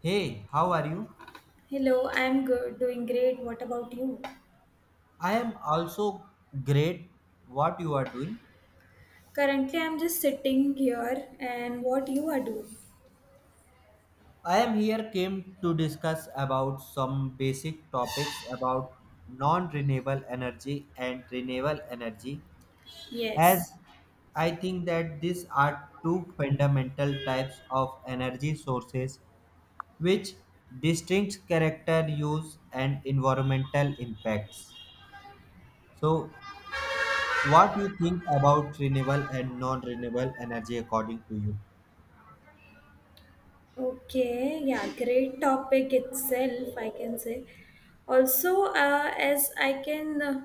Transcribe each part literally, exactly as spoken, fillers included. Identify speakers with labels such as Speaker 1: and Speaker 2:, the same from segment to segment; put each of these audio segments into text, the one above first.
Speaker 1: Hey, how are you?
Speaker 2: Hello, I'm good, doing great. What about you?
Speaker 1: I am also great. What you are doing?
Speaker 2: Currently, I'm just sitting here and what you are doing?
Speaker 1: I am here came to discuss about some basic topics about non-renewable energy and renewable energy,
Speaker 2: Yes.
Speaker 1: as I think that these are two fundamental types of energy sources which distinct character use and environmental impacts. So, what do you think about renewable and non-renewable energy according to you?
Speaker 2: Okay, yeah, great topic itself, I can say. Also, uh, as I can uh,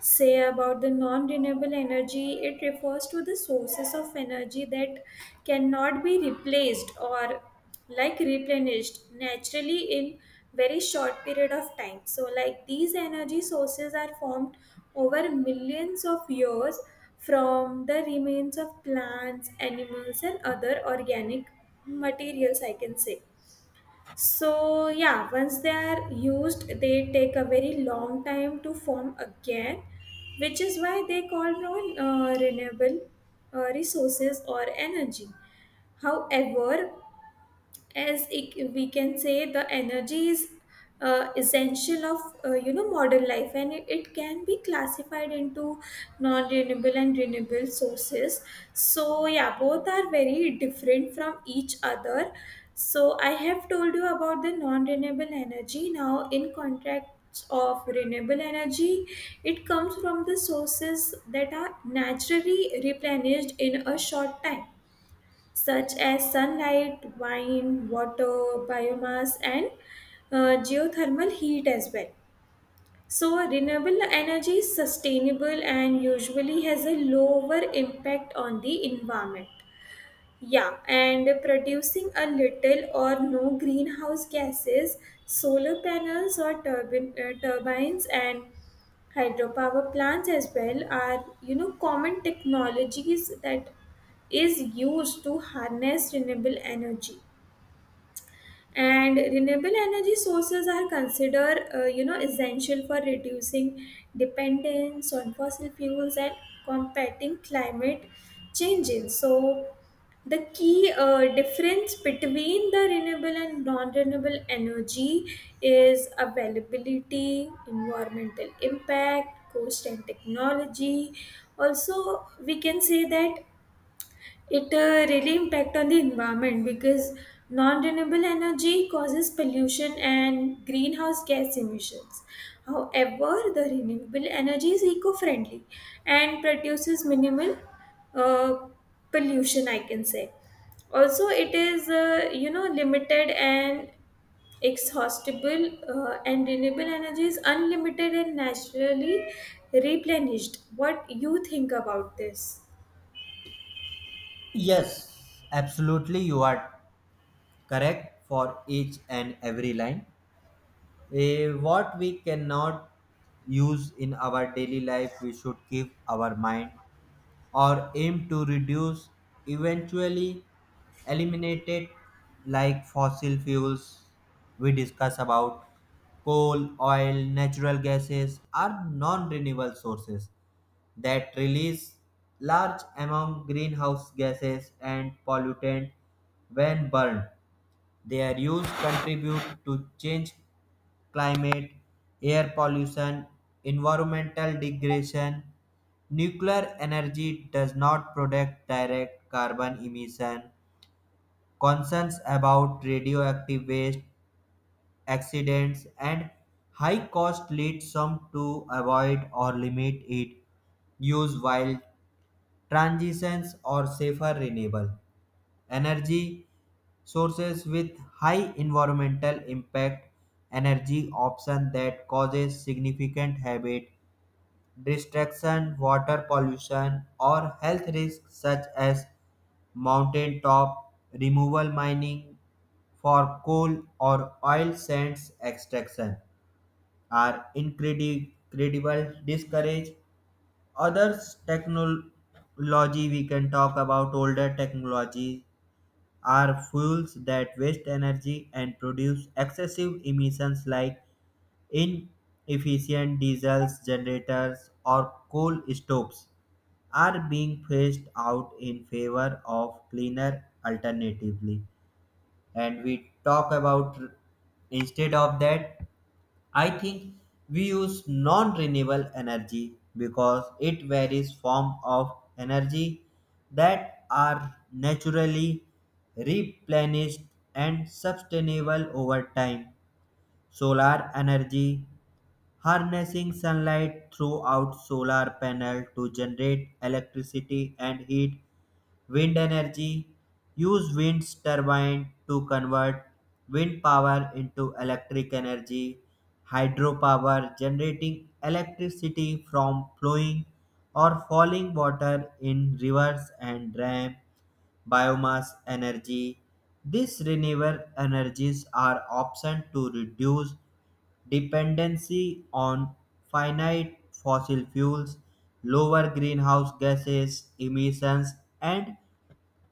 Speaker 2: say about the non renewable energy, it refers to the sources of energy that cannot be replaced or like replenished naturally in very short period of time, so like these energy sources are formed over millions of years from the remains of plants, animals and other organic materials, I can say. So yeah, once they are used, they take a very long time to form again, which is why they call non uh, renewable uh, resources or energy. However, as it, we can say the energy is uh, essential of uh, you know modern life and it, it can be classified into non-renewable and renewable sources. So yeah, both are very different from each other. So I have told you about the non-renewable energy. Now in contract of renewable energy, it comes from the sources that are naturally replenished in a short time, such as sunlight, wind, water, biomass, and uh, geothermal heat as well. So, renewable energy is sustainable and usually has a lower impact on the environment. Yeah, and producing a little or no greenhouse gases, solar panels or turbine, uh, turbines and hydropower plants as well are, you know, common technologies that is used to harness renewable energy, and renewable energy sources are considered uh, you know essential for reducing dependence on fossil fuels and combating climate changes. So the key uh, difference between the renewable and non-renewable energy is availability, environmental impact, cost and technology. Also we can say that it uh, really impact on the environment because non-renewable energy causes pollution and greenhouse gas emissions. However, the renewable energy is eco-friendly and produces minimal uh, pollution, I can say. Also, it is uh, you know limited and exhaustible, uh, and renewable energy is unlimited and naturally replenished. What you think about this?
Speaker 1: Yes, absolutely. You are correct for each and every line. Eh, what we cannot use in our daily life, we should keep our mind or aim to reduce, eventually eliminate it, like fossil fuels we discuss about. Coal, oil, natural gases are non renewable sources that release large amount greenhouse gases and pollutant when burned. Their use contribute to change climate, air pollution, environmental degradation. Nuclear energy does not protect direct carbon emission. Concerns about radioactive waste, accidents, and high cost lead some to avoid or limit it use while transitions or safer renewable energy sources with high environmental impact energy option that causes significant habit destruction, water pollution or health risks such as mountaintop removal mining for coal or oil sands extraction are incredible discourage. Other technology, we can talk about older technology, are fuels that waste energy and produce excessive emissions like inefficient diesels generators or coal stoves are being phased out in favor of cleaner alternatively. And we talk about instead of that, I think we use non-renewable energy because it varies form of energy that are naturally replenished and sustainable over time. Solar energy harnessing sunlight throughout solar panel to generate electricity and heat. Wind energy use wind turbine to convert wind power into electric energy. Hydropower generating electricity from flowing or falling water in rivers and dams. Biomass energy. These renewable energies are options to reduce dependency on finite fossil fuels, lower greenhouse gases emissions, and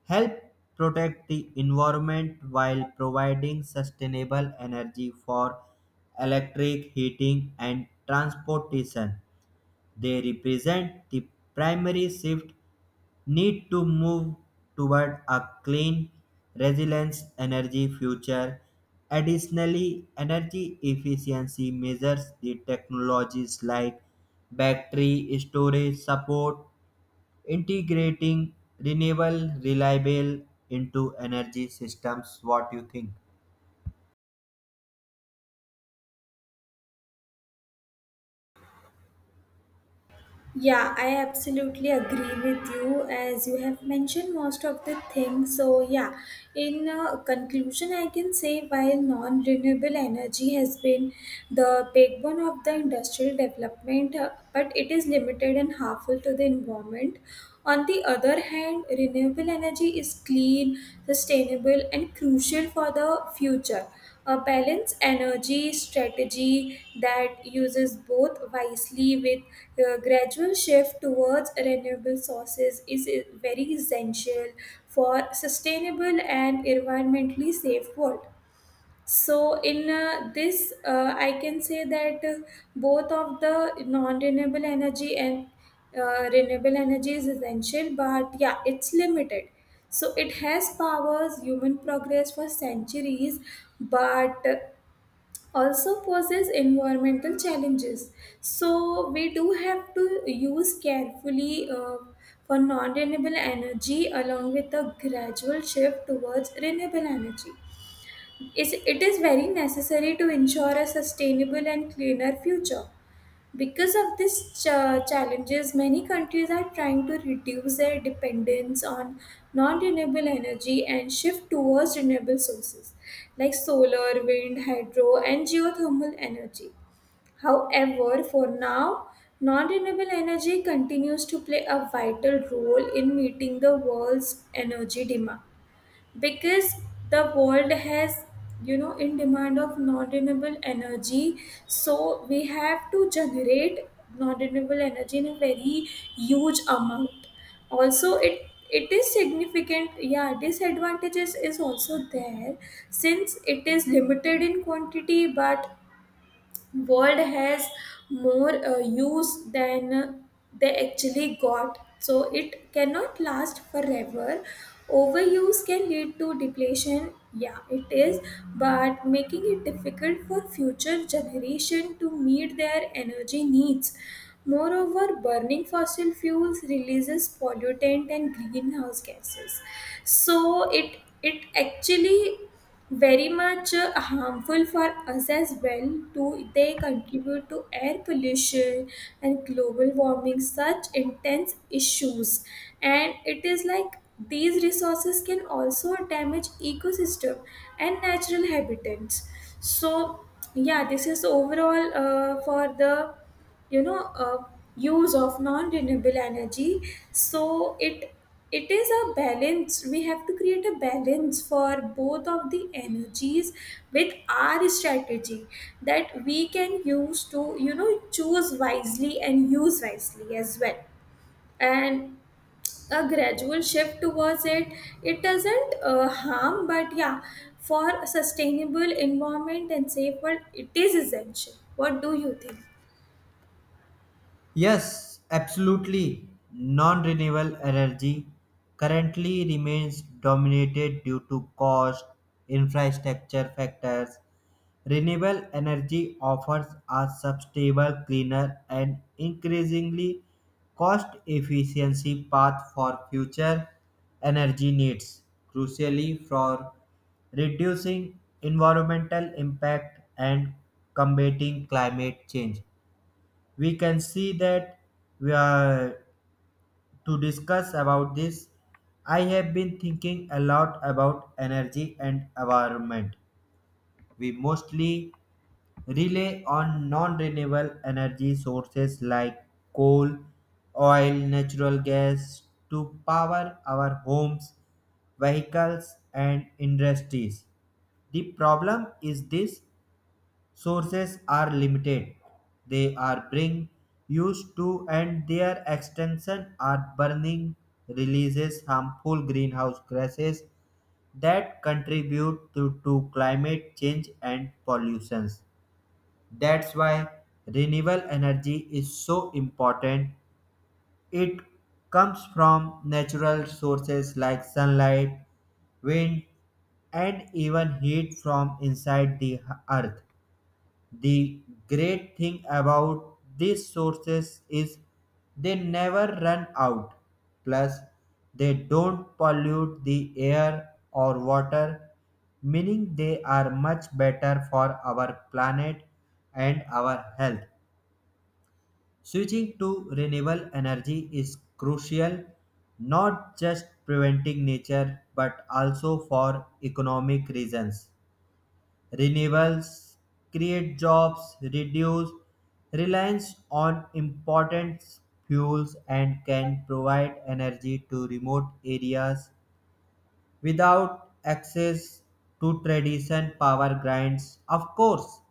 Speaker 1: help protect the environment while providing sustainable energy for electric heating and transportation. They represent the primary shift need to move toward a clean, resilient energy future. Additionally, energy efficiency measures the technologies like battery storage support integrating renewable reliable into energy systems. What you think?
Speaker 2: Yeah, I absolutely agree with you as you have mentioned most of the things. So, yeah, in uh, conclusion, I can say while non renewable energy has been the backbone of the industrial development, uh, but it is limited and harmful to the environment. On the other hand, renewable energy is clean, sustainable, and crucial for the future. A balanced energy strategy that uses both wisely with a gradual shift towards renewable sources is uh, very essential for sustainable and environmentally safe world. So in uh, this, uh, I can say that uh, both of the non-renewable energy and uh, renewable energy is essential, but yeah, it's limited. So it has powers human progress for centuries, but uh, also poses environmental challenges. So we do have to use carefully uh, for non-renewable energy, along with a gradual shift towards renewable energy. Is it is very necessary to ensure a sustainable and cleaner future. Because of these ch- challenges, many countries are trying to reduce their dependence on non renewable energy and shift towards renewable sources like solar, wind, hydro, and geothermal energy. However, for now, non renewable energy continues to play a vital role in meeting the world's energy demand, because the world has, you know, in demand of non renewable energy. So we have to generate non renewable energy in a very huge amount. Also, it it is significant, yeah, disadvantages is also there, since it is limited in quantity. But world has more uh, use than uh, they actually got, so it cannot last forever. Overuse can lead to depletion, yeah, it is, but making it difficult for future generation to meet their energy needs. Moreover, burning fossil fuels releases pollutant and greenhouse gases, so it it actually very much uh, harmful for us as well too. They contribute to air pollution and global warming, such intense issues, and it is like these resources can also damage ecosystem and natural habitats. So yeah, this is overall uh, for the you know uh, use of non renewable energy. So it it is a balance. We have to create a balance for both of the energies with our strategy that we can use to, you know, choose wisely and use wisely as well. And a gradual shift towards it, it doesn't uh, harm, but yeah, for a sustainable environment and safe world, it is essential. What do you think?
Speaker 1: Yes, absolutely. Non renewable energy currently remains dominated due to cost, infrastructure factors. Renewable energy offers a sustainable, cleaner, and increasingly cost efficiency path for future energy needs, crucially for reducing environmental impact and combating climate change. We can see that we are to discuss about this. I have been thinking a lot about energy and environment. We mostly rely on non-renewable energy sources like coal, oil, natural gas to power our homes, vehicles and industries. The problem is this sources are limited. They are being used to and their extension are burning releases harmful greenhouse gases that contribute to, to climate change and pollutions. That's why renewable energy is so important. It comes from natural sources like sunlight, wind, and even heat from inside the earth. The great thing about these sources is they never run out. Plus, they don't pollute the air or water, meaning they are much better for our planet and our health. Switching to renewable energy is crucial not just preventing nature but also for economic reasons. Renewables create jobs, reduce reliance on important fuels, and can provide energy to remote areas without access to traditional power grids. Of course,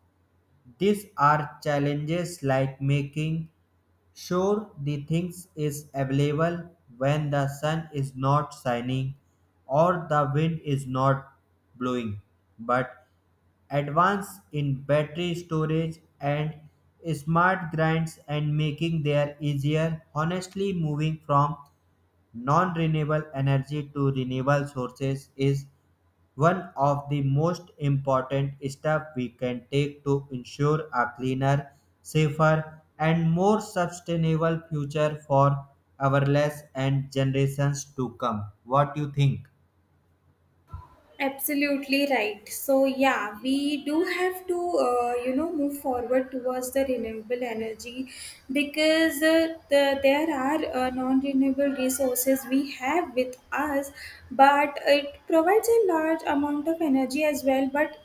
Speaker 1: these are challenges like making sure the things is available when the sun is not shining or the wind is not blowing. But advance in battery storage and smart grids and making their easier honestly moving from non-renewable energy to renewable sources is one of the most important steps we can take to ensure a cleaner, safer, and more sustainable future for our less and generations to come. What do you think?
Speaker 2: Absolutely right. So yeah, we do have to uh, you know move forward towards the renewable energy, because uh, the, there are uh, non-renewable resources we have with us, but it provides a large amount of energy as well. But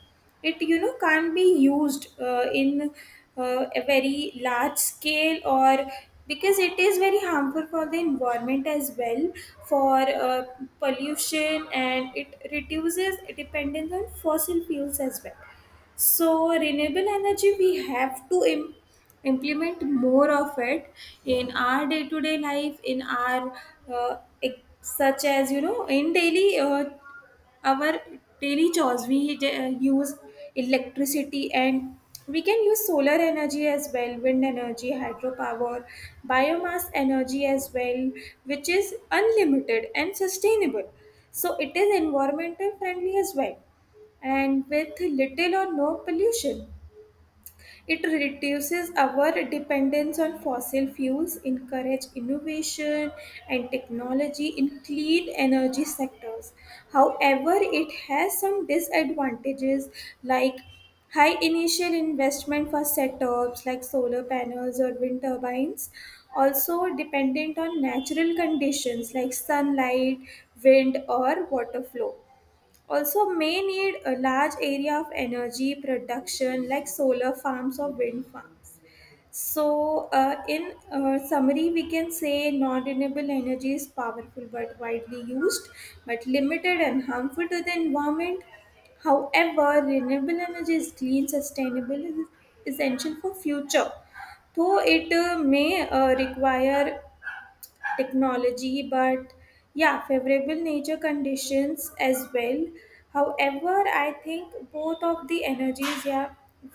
Speaker 2: it, you know, can't be used uh, in uh, a very large scale, or because it is very harmful for the environment as well, for uh, pollution, and it reduces dependence on fossil fuels as well. So renewable energy, we have to im- implement more of it in our day-to-day life, in our uh, ex- such as, you know, in daily uh, our daily chores, we uh, use electricity. And we can use solar energy as well, wind energy, hydropower, biomass energy as well, which is unlimited and sustainable. So it is environmental friendly as well, and with little or no pollution. It reduces our dependence on fossil fuels, encourage innovation and technology in clean energy sectors. However, it has some disadvantages like high initial investment for setups like solar panels or wind turbines, also dependent on natural conditions like sunlight, wind or water flow, also may need a large area of energy production like solar farms or wind farms. So, uh, in uh, summary, we can say non renewable energy is powerful but widely used, but limited and harmful to the environment. However, renewable energy is clean, sustainable, and is essential for future. Though it uh, may uh, require technology, but yeah, favorable nature conditions as well. However, I think both of the energies, yeah,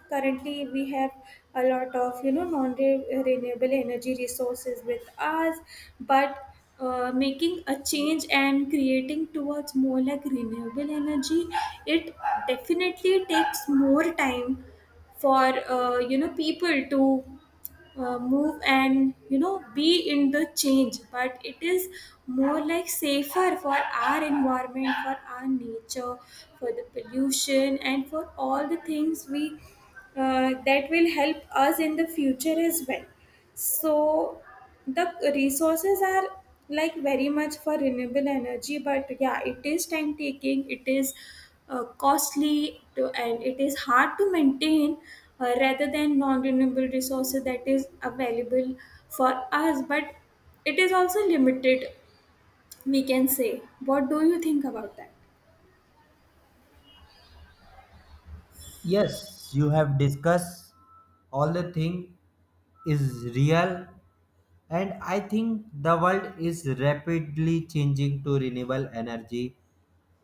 Speaker 2: currently we have a lot of, you know, non-renewable energy resources with us, but uh, making a change and creating towards more like renewable energy, it definitely takes more time for uh, you know people to uh, move and, you know, be in the change. But it is more like safer for our environment, for our nature, for the pollution, and for all the things we uh, that will help us in the future as well. So the resources are like very much for renewable energy, but yeah, it is time taking, it is uh, costly to, and it is hard to maintain uh, rather than non-renewable resources that is available for us, but it is also limited, we can say. What do you think about that?
Speaker 1: Yes, you have discussed all the thing is real, and I think the world is rapidly changing to renewable energy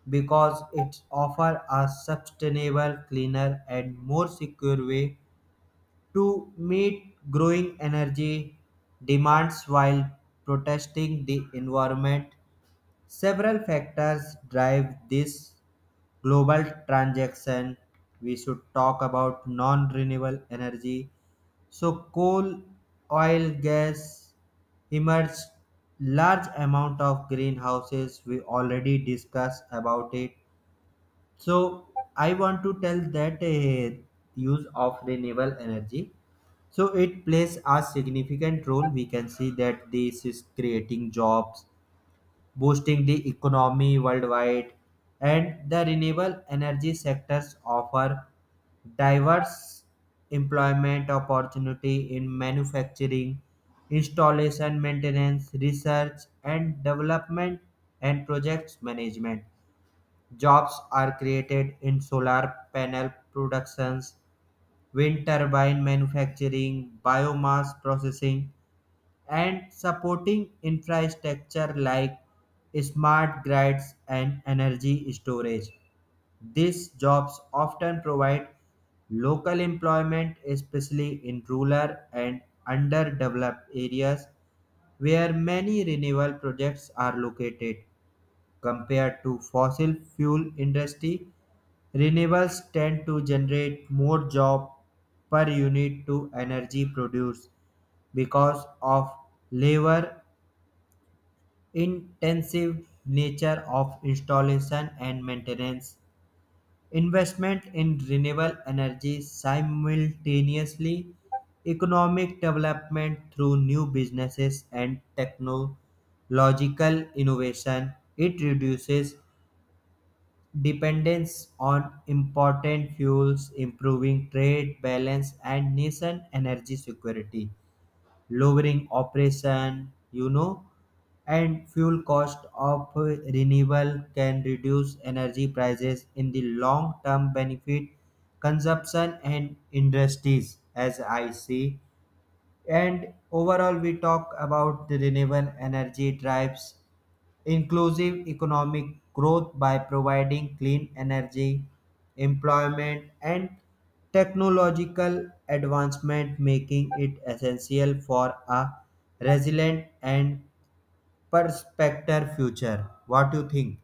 Speaker 1: because it offers a sustainable cleaner and more secure way to meet growing energy demands while protecting the environment. Several factors drive this global transaction. We should talk about non renewable energy. So coal, oil, gas emerged large amount of greenhouses. We already discussed about it. So I want to tell that uh, use of renewable energy. So it plays a significant role. We can see that this is creating jobs, boosting the economy worldwide, and the renewable energy sectors offer diverse employment opportunity in manufacturing, installation maintenance, research and development, and projects management. Jobs are created in solar panel productions, wind turbine manufacturing, biomass processing, and supporting infrastructure like smart grids and energy storage. These jobs often provide local employment, especially in rural and underdeveloped areas where many renewable projects are located. Compared to fossil fuel industry, renewables tend to generate more job per unit to energy produced because of labor intensive nature of installation and maintenance investment in renewable energy simultaneously economic development through new businesses and technological innovation. It reduces dependence on important fuels, improving trade balance and nation energy security. Lowering operation, you know, and fuel cost of renewable can reduce energy prices in the long term benefit consumption and industries as I see. And overall, we talk about the renewable energy drives inclusive economic growth by providing clean energy, employment, and technological advancement, making it essential for a resilient and prospective future. What do you think?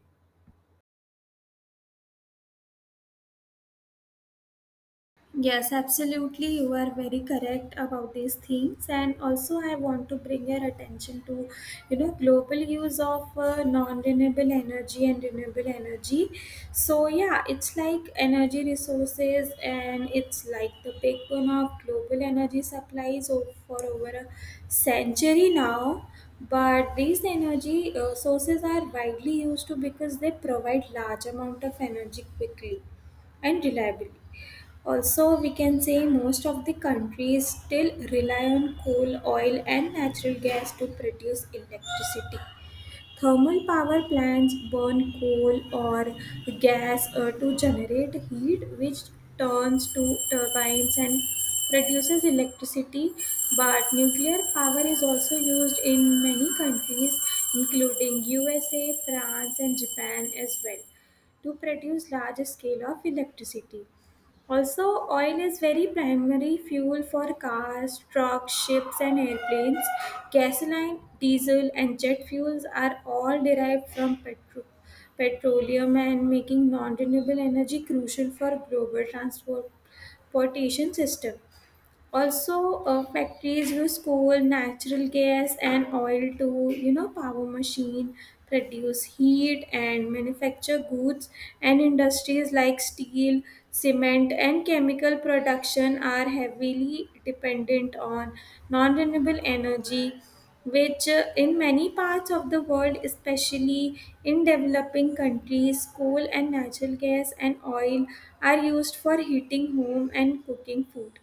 Speaker 2: Yes, absolutely. You are very correct about these things, and also I want to bring your attention to, you know, global use of uh, non-renewable energy and renewable energy. So yeah, it's like energy resources, and it's like the backbone of global energy supplies o- for over a century now. But these energy uh, sources are widely used to because they provide large amount of energy quickly and reliably. Also, we can say most of the countries still rely on coal, oil, and natural gas to produce electricity. Thermal power plants burn coal or gas uh, to generate heat, which turns to turbines and produces electricity. But nuclear power is also used in many countries, including U S A, France, and Japan as well, to produce large scale of electricity. Also, oil is very primary fuel for cars, trucks, ships, and airplanes. Gasoline, diesel, and jet fuels are all derived from petro- petroleum, and making non renewable energy crucial for global transport- transportation system. Also, uh, factories use coal, natural gas, and oil to, you know, power machine, produce heat, and manufacture goods. And industries like steel, cement, and chemical production are heavily dependent on non-renewable energy, which uh, in many parts of the world, especially in developing countries, coal and natural gas and oil are used for heating home and cooking food.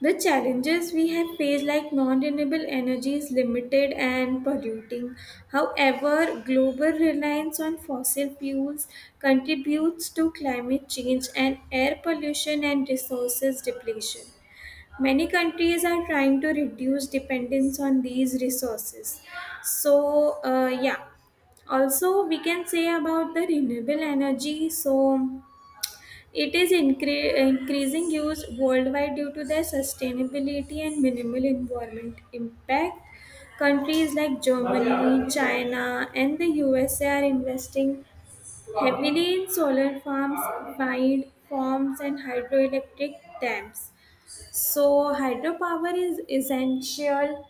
Speaker 2: The challenges we have faced, like non renewable energy, is limited and polluting. However, global reliance on fossil fuels contributes to climate change and air pollution and resources depletion. Many countries are trying to reduce dependence on these resources. So, uh, yeah, also we can say about the renewable energy. So, it is incre- increasing use worldwide due to their sustainability and minimal environment impact. Countries like Germany, China, and the U S A are investing heavily in solar farms, wind farms, and hydroelectric dams. So, hydropower is essential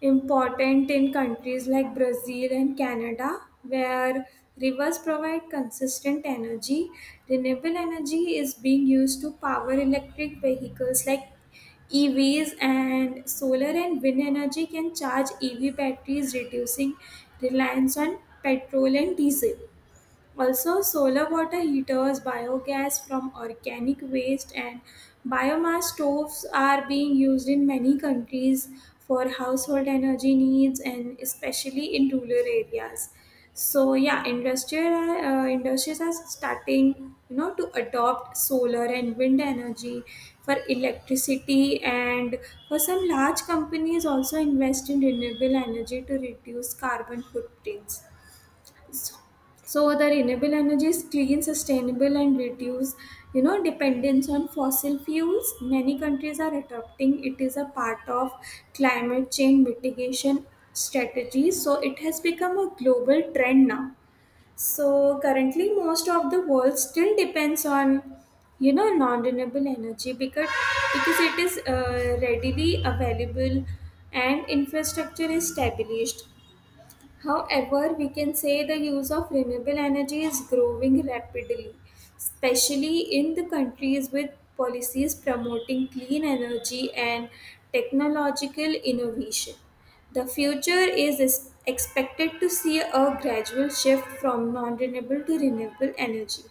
Speaker 2: important in countries like Brazil and Canada, where rivers provide consistent energy. Renewable energy is being used to power electric vehicles like E Vs, and solar and wind energy can charge E V batteries, reducing reliance on petrol and diesel. Also, solar water heaters, biogas from organic waste, and biomass stoves are being used in many countries for household energy needs, and especially in rural areas. So, yeah, industrial, uh, industries are starting, you know, to adopt solar and wind energy for electricity, and for some large companies also invest in renewable energy to reduce carbon footprints. So the renewable energy is clean, sustainable, and reduce, you know, dependence on fossil fuels. Many countries are adopting it is a part of climate change mitigation strategies. So it has become a global trend now. So currently, most of the world still depends on, you know, non-renewable energy because because it is uh, readily available and infrastructure is established. However, we can say the use of renewable energy is growing rapidly, especially in the countries with policies promoting clean energy and technological innovation. The future is es- expected to see a gradual shift from non renewable to renewable energy,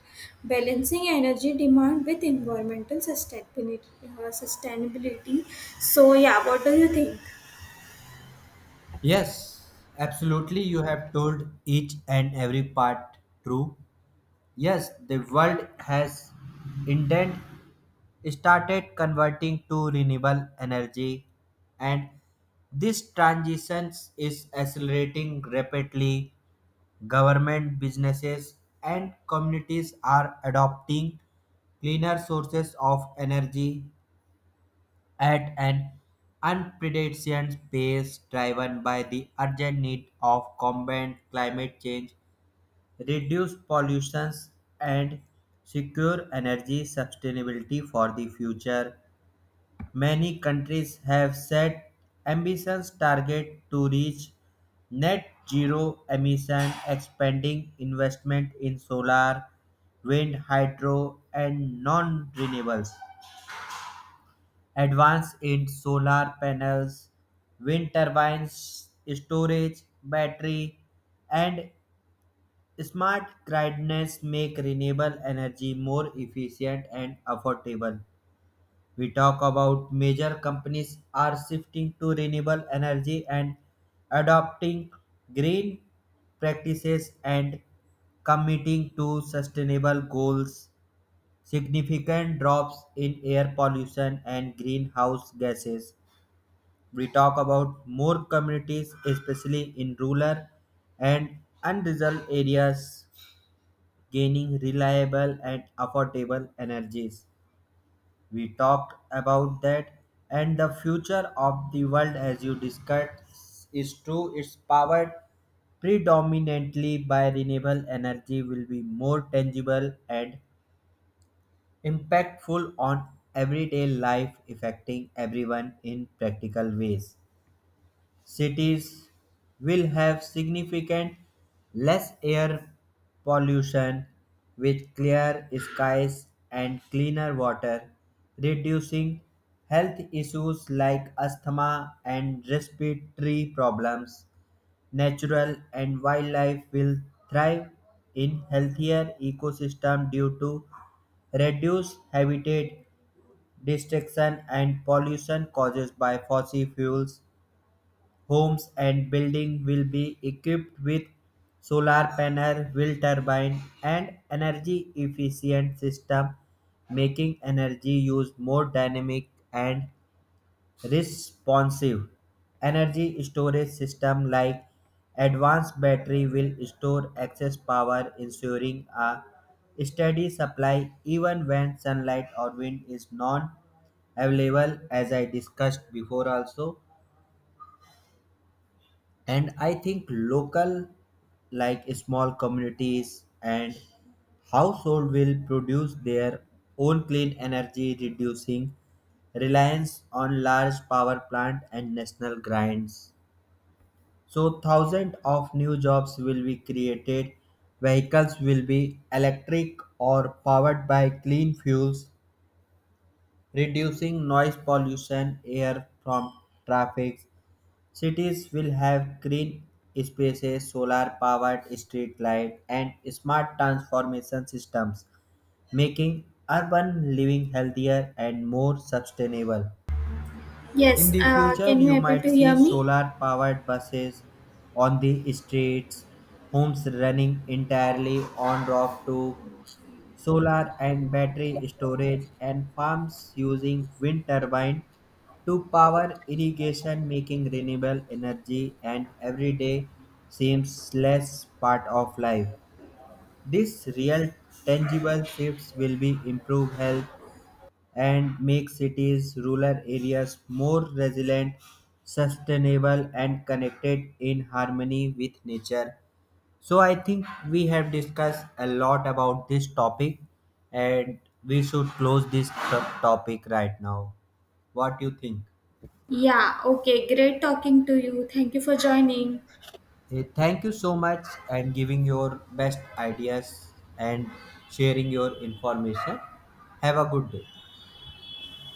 Speaker 2: balancing energy demand with environmental sustainability. uh, sustainability. So, yeah, what do you think?
Speaker 1: Yes, absolutely. You have told each and every part true. Yes, the world has intent started converting to renewable energy, and this transition is accelerating rapidly. Government businesses and communities are adopting cleaner sources of energy at an unprecedented pace driven by the urgent need of combat climate change, reduce pollution, and secure energy sustainability for the future. Many countries have set ambitious targets to reach net zero emissions, expanding investment in solar, wind, hydro, and non-renewables. Advance in solar panels, wind turbines, storage, battery, and smart gridness make renewable energy more efficient and affordable. We talk about major companies are shifting to renewable energy and adopting green practices and committing to sustainable goals, significant drops in air pollution and greenhouse gases. We talk about more communities especially in rural and unresolved areas gaining reliable and affordable energies. We talked about that. And the future of the world as you discussed is true. It's powered predominantly by renewable energy will be more tangible and impactful on everyday life, affecting everyone in practical ways. Cities will have significant less air pollution with clear skies and cleaner water, reducing health issues like asthma and respiratory problems. Natural and wildlife will thrive in healthier ecosystem due to reduced habitat destruction and pollution caused by fossil fuels. Homes and buildings will be equipped with solar panel, wind turbine, and energy efficient system, making energy use more dynamic and responsive. Energy storage system like advanced battery will store excess power, ensuring a steady supply even when sunlight or wind is non available, as I discussed before also. And I think local like small communities and household will produce their own clean energy, reducing reliance on large power plant and national grinds. So thousands of new jobs will be created. Vehicles will be electric or powered by clean fuels, reducing noise pollution air from traffic. Cities will have green spaces, solar powered street light, and smart transformation systems, making urban living healthier and more sustainable. In
Speaker 2: Yes,
Speaker 1: the
Speaker 2: uh,
Speaker 1: future,
Speaker 2: can you
Speaker 1: you
Speaker 2: able
Speaker 1: might
Speaker 2: to
Speaker 1: see
Speaker 2: hear me?
Speaker 1: solar powered buses on the streets, homes running entirely on rooftop solar and battery storage, and farms using wind turbines to power irrigation, making renewable energy and everyday seems less part of life. These real tangible shifts will be improve health and make cities, rural areas more resilient, sustainable and connected in harmony with nature. So I think we have discussed a lot about this topic, and we should close this to- topic right now. What do you think?
Speaker 2: Yeah, okay, great talking to you. Thank you for joining.
Speaker 1: Eh, Thank you so much and giving your best ideas and sharing your information. Have a good day.